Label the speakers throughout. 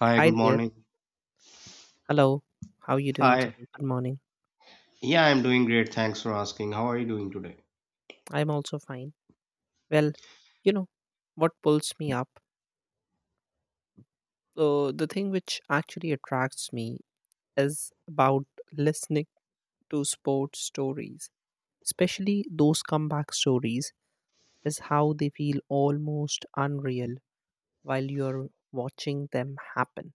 Speaker 1: Hi,
Speaker 2: Hi
Speaker 1: good
Speaker 2: there.
Speaker 1: morning.
Speaker 2: Hello. How are you doing
Speaker 1: Hi.
Speaker 2: today? Good morning.
Speaker 1: Yeah, I'm doing great. Thanks for asking. How are you doing today?
Speaker 2: I'm also fine. Well, you know, what pulls me up? So, the thing which actually attracts me is about listening to sports stories, especially those comeback stories, is how they feel almost unreal while you're watching them happen.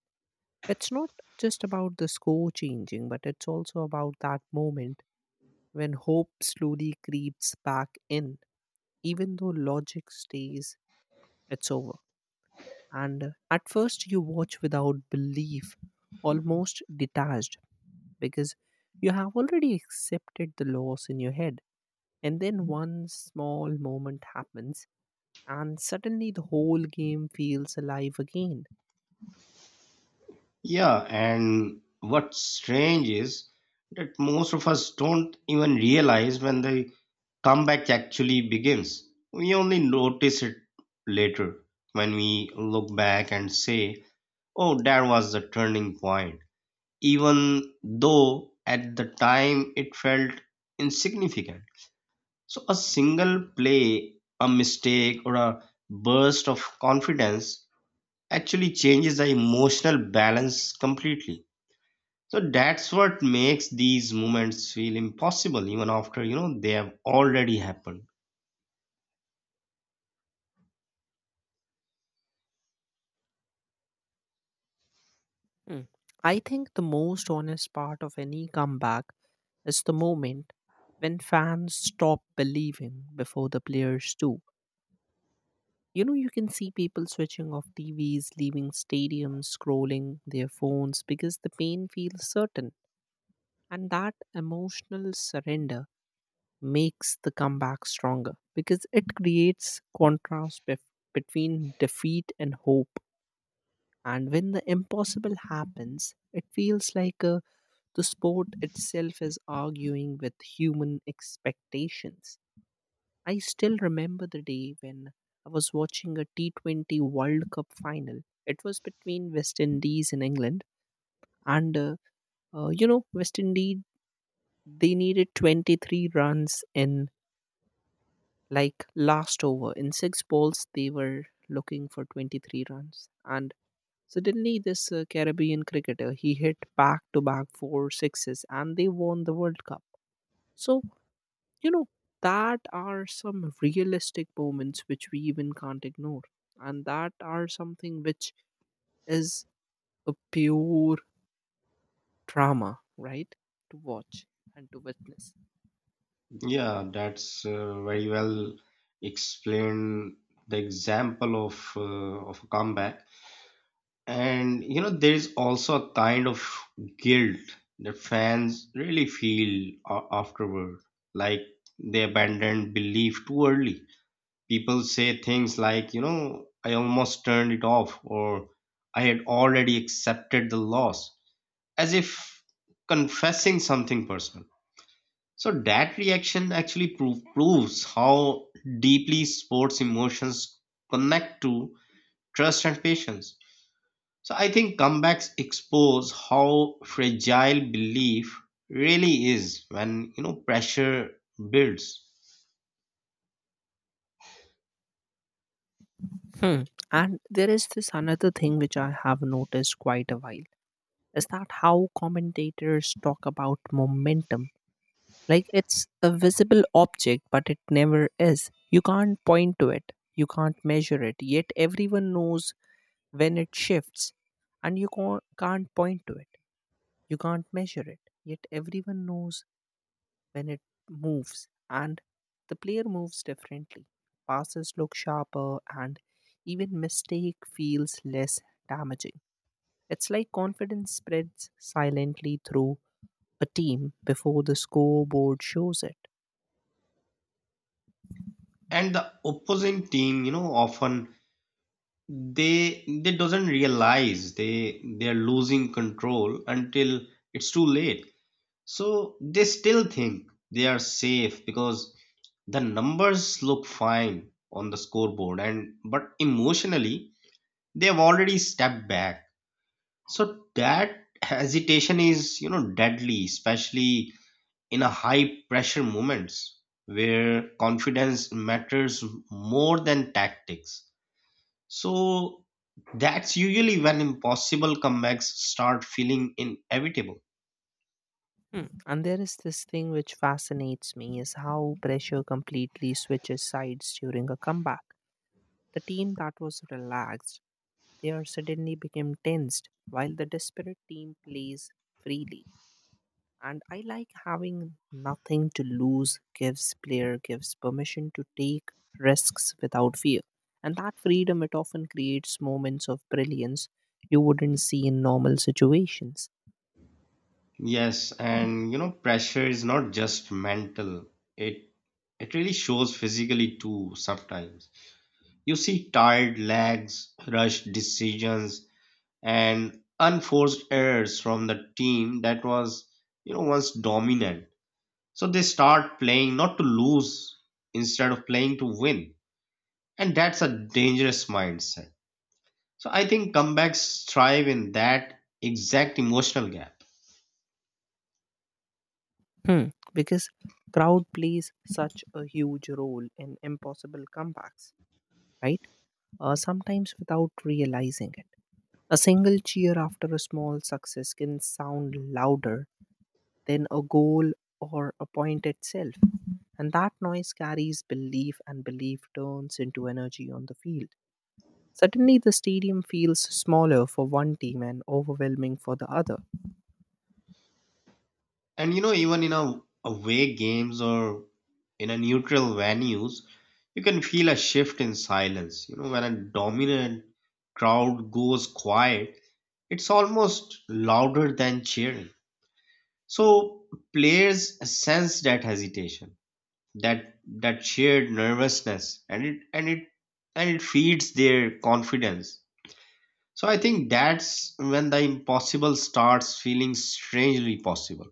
Speaker 2: It's not just about the score changing, but it's also about that moment when hope slowly creeps back in even though logic stays, it's over. And at first, you watch without belief, almost detached, because you have already accepted the loss in your head. And then one small moment happens and suddenly the whole game feels alive again.
Speaker 1: Yeah, and what's strange is that most of us don't even realize when the comeback actually begins. We only notice it later when we look back and say, oh, that was the turning point, even though at the time it felt insignificant. So a single play, a mistake, or a burst of confidence actually changes the emotional balance completely. So that's what makes these moments feel impossible even after you know they have already happened.
Speaker 2: Hmm. I think the most honest part of any comeback is the moment when fans stop believing before the players do. You know, you can see people switching off TVs, leaving stadiums, scrolling their phones because the pain feels certain. And that emotional surrender makes the comeback stronger because it creates contrast between defeat and hope. And when the impossible happens, it feels like the sport itself is arguing with human expectations. I still remember the day when I was watching a T20 World Cup final. It was between West Indies and England, and you know, West Indies they needed 23 runs in like last over in six balls. They were looking for 23 runs, and suddenly this Caribbean cricketer he hit back to back four sixes, and they won the World Cup. So you know, that are some realistic moments which we even can't ignore. And that are something which is a pure drama, right? To watch and to witness.
Speaker 1: Yeah, that's very well explained the example of a comeback. And you know, there is also a kind of guilt that fans really feel afterward, like they abandoned belief too early. People say things like, you know, I almost turned it off, or I had already accepted the loss, as if confessing something personal. So that reaction actually proves how deeply sports emotions connect to trust and patience, so I think comebacks expose how fragile belief really is when you know pressure builds.
Speaker 2: Hmm. And there is this another thing which I have noticed quite a while is that how commentators talk about momentum. Like it's a visible object, but it never is. You can't point to it, you can't measure it, yet everyone knows when it shifts and you can't point to it, you can't measure it, yet everyone knows when it moves, and the player moves differently, passes look sharper, and even mistake feels less damaging. It's like confidence spreads silently through a team before the scoreboard shows it.
Speaker 1: And the opposing team, you know, often they doesn't realize they're losing control until it's too late. So they still think they are safe because the numbers look fine on the scoreboard, and but emotionally they have already stepped back. So that hesitation is, you know, deadly, especially in a high pressure moments where confidence matters more than tactics. So that's usually when impossible comebacks start feeling inevitable.
Speaker 2: Hmm. And there is this thing which fascinates me is how pressure completely switches sides during a comeback. The team that was relaxed, they are suddenly become tensed while the desperate team plays freely. And I like having nothing to lose gives player gives permission to take risks without fear. And that freedom it often creates moments of brilliance you wouldn't see in normal situations.
Speaker 1: Yes, and you know, pressure is not just mental. It it really shows physically too sometimes. You see tired legs, rushed decisions, and unforced errors from the team that was, you know, once dominant. So they start playing not to lose instead of playing to win, and that's a dangerous mindset. So I think comebacks thrive in that exact emotional gap.
Speaker 2: Hmm. Because crowd plays such a huge role in impossible comebacks, right? Sometimes without realizing it. A single cheer after a small success can sound louder than a goal or a point itself. And that noise carries belief, and belief turns into energy on the field. Suddenly, the stadium feels smaller for one team and overwhelming for the other.
Speaker 1: And you know, even in a away games or in a neutral venues, you can feel a shift in silence. You know, when a dominant crowd goes quiet, it's almost louder than cheering. So players sense that hesitation, that that shared nervousness, and it feeds their confidence. So I think that's when the impossible starts feeling strangely possible.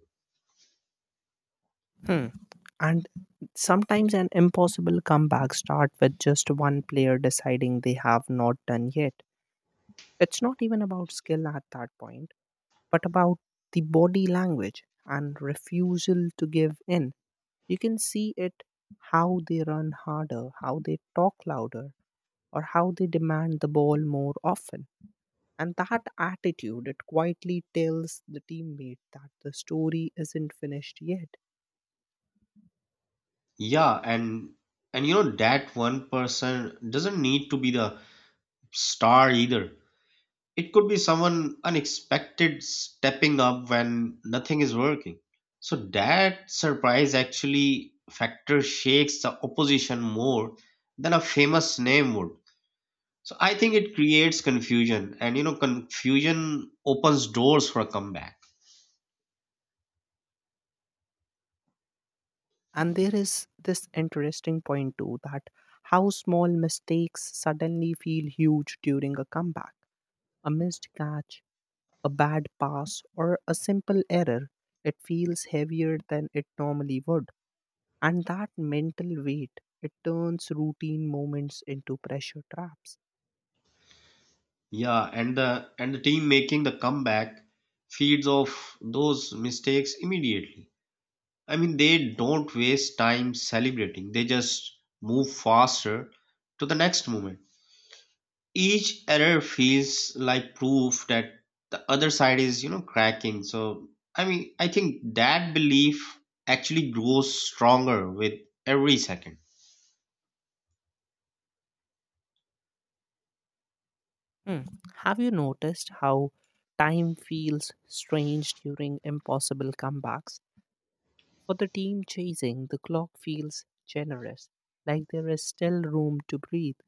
Speaker 2: Hmm. And sometimes an impossible comeback start with just one player deciding they have not done yet. It's not even about skill at that point, but about the body language and refusal to give in. You can see it, how they run harder, how they talk louder, or how they demand the ball more often. And that attitude, it quietly tells the teammate that the story isn't finished yet.
Speaker 1: Yeah, and you know that one person doesn't need to be the star either. It could be someone unexpected stepping up when nothing is working. So that surprise actually factor shakes the opposition more than a famous name would. So I think it creates confusion, and you know confusion opens doors for a comeback.
Speaker 2: And there is this interesting point too that how small mistakes suddenly feel huge during a comeback. A missed catch, a bad pass, or a simple error, it feels heavier than it normally would. And that mental weight, it turns routine moments into pressure traps.
Speaker 1: Yeah, and the team making the comeback feeds off those mistakes immediately. I mean they don't waste time celebrating. They just move faster to the next moment. Each error feels like proof that the other side is, you know, cracking. So, I mean, I think that belief actually grows stronger with every second.
Speaker 2: Hmm. Have you noticed how time feels strange during impossible comebacks? For the team chasing, the clock feels generous, like there is still room to breathe.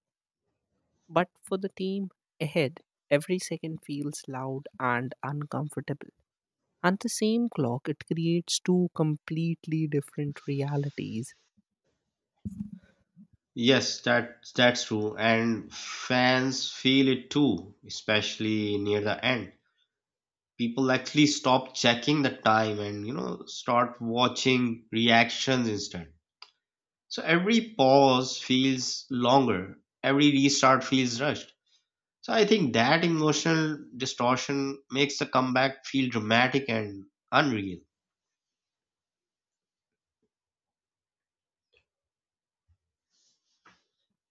Speaker 2: But for the team ahead, every second feels loud and uncomfortable. And the same clock, it creates two completely different realities.
Speaker 1: Yes, that's true, and fans feel it too, especially near the end. People actually stop checking the time and you know start watching reactions instead. So every pause feels longer, every restart feels rushed. So I think that emotional distortion makes the comeback feel dramatic and unreal.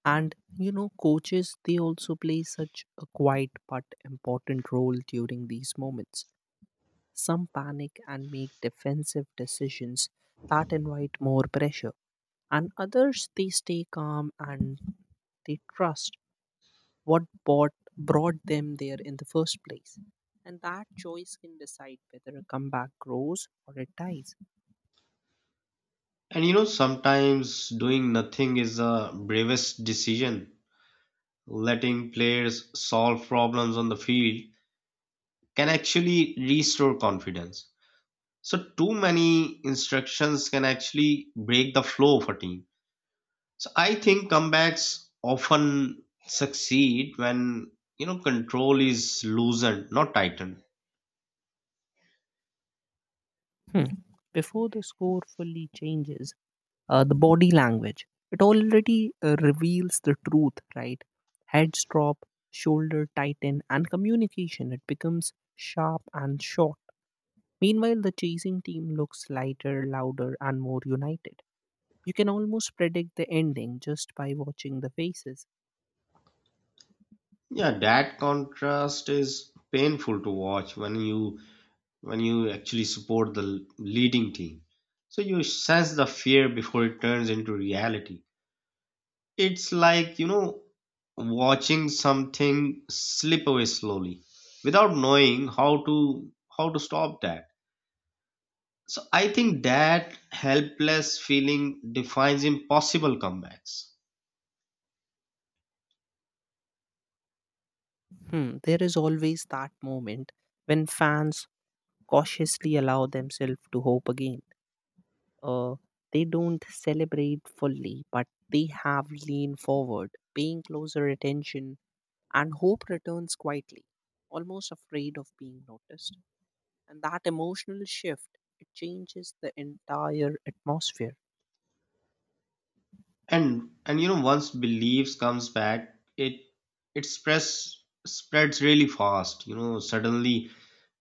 Speaker 2: And you know, coaches they also play such a quiet but important role during these moments. Some panic and make defensive decisions that invite more pressure, and others they stay calm and they trust what bought, brought them there in the first place, and that choice can decide whether a comeback grows or it dies.
Speaker 1: And you know, sometimes doing nothing is the bravest decision. Letting players solve problems on the field can actually restore confidence. So too many instructions can actually break the flow of a team. So I think comebacks often succeed when you know control is loosened, not tightened.
Speaker 2: Hmm. Before the score fully changes, the body language it already reveals the truth, right? Heads drop, shoulder tighten, and communication it becomes sharp and short. Meanwhile the chasing team looks lighter, louder, and more united. You can almost predict the ending just by watching the faces.
Speaker 1: Yeah, that contrast is painful to watch when you actually support the leading team. So you sense the fear before it turns into reality. It's like, you know, watching something slip away slowly without knowing how to stop that. So I think that helpless feeling defines impossible comebacks.
Speaker 2: Hmm, there is always that moment when fans cautiously allow themselves to hope again. Uh, they don't celebrate fully, but they have leaned forward, paying closer attention, and hope returns quietly, almost afraid of being noticed. And that emotional shift, it changes the entire atmosphere.
Speaker 1: And you know once beliefs comes back, it spreads really fast. You know, suddenly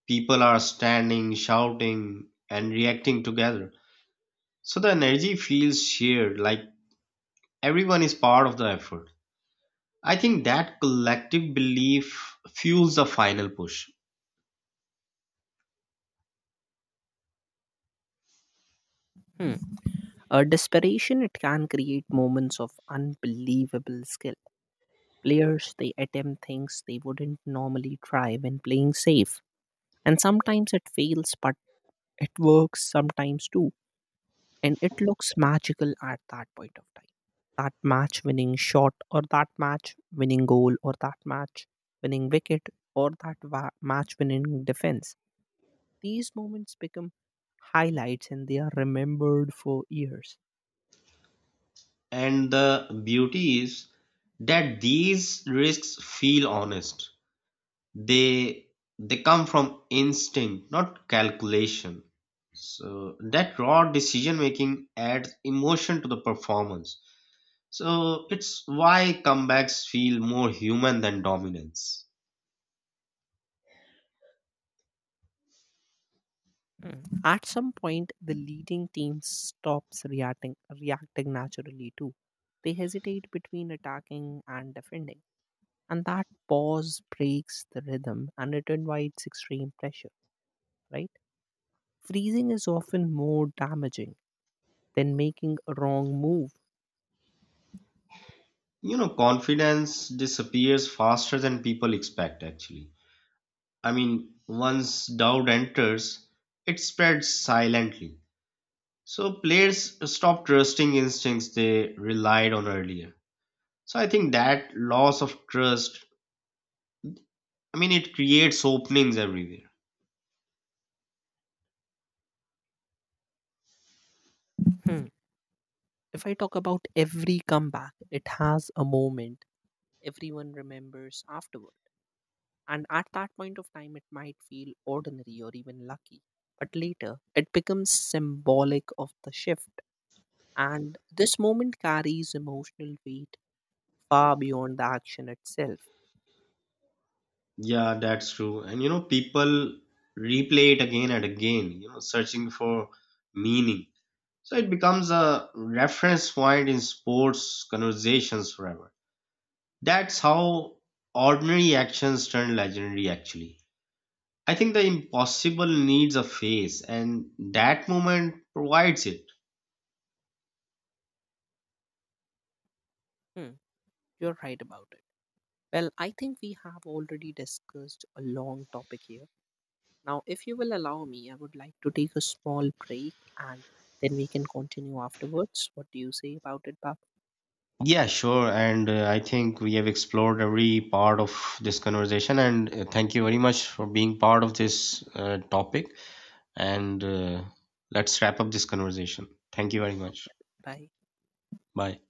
Speaker 1: people are standing, shouting and reacting together, so the energy feels shared, like everyone is part of the effort. I think that collective belief fuels the final push.
Speaker 2: Hmm. Desperation it can create moments of unbelievable skill. Players they attempt things they wouldn't normally try when playing safe, and sometimes it fails, but it works sometimes too. And it looks magical at that point of time. That match winning shot, or that match winning goal, or that match winning wicket, or that match winning defense. These moments become highlights and they are remembered for years.
Speaker 1: And the beauty is that these risks feel honest. They they come from instinct, not calculation. So that raw decision making adds emotion to the performance. So it's why comebacks feel more human than dominance.
Speaker 2: Mm. At some point, the leading team stops reacting naturally too. They hesitate between attacking and defending, and that pause breaks the rhythm and it invites extreme pressure, right? Freezing is often more damaging than making a wrong move.
Speaker 1: You know, confidence disappears faster than people expect actually. I mean, once doubt enters, it spreads silently. So players stop trusting instincts they relied on earlier. So I think that loss of trust, I mean, it creates openings everywhere.
Speaker 2: Hmm. If I talk about every comeback, it has a moment everyone remembers afterward. And at that point of time, it might feel ordinary or even lucky. But later, it becomes symbolic of the shift. And this moment carries emotional weight far beyond the action itself.
Speaker 1: Yeah, that's true. And you know, people replay it again and again, you know, searching for meaning. So it becomes a reference point in sports conversations forever. That's how ordinary actions turn legendary, actually. I think the impossible needs a face, and that moment provides it.
Speaker 2: Hmm, you're right about it. Well, I think we have already discussed a long topic here. Now, if you will allow me, I would like to take a small break and then we can continue afterwards. What do you say about it, Bab?
Speaker 1: Yeah, sure. And I think we have explored every part of this conversation. And thank you very much for being part of this topic. And Let's wrap up this conversation. Thank you very much.
Speaker 2: Bye.
Speaker 1: Bye.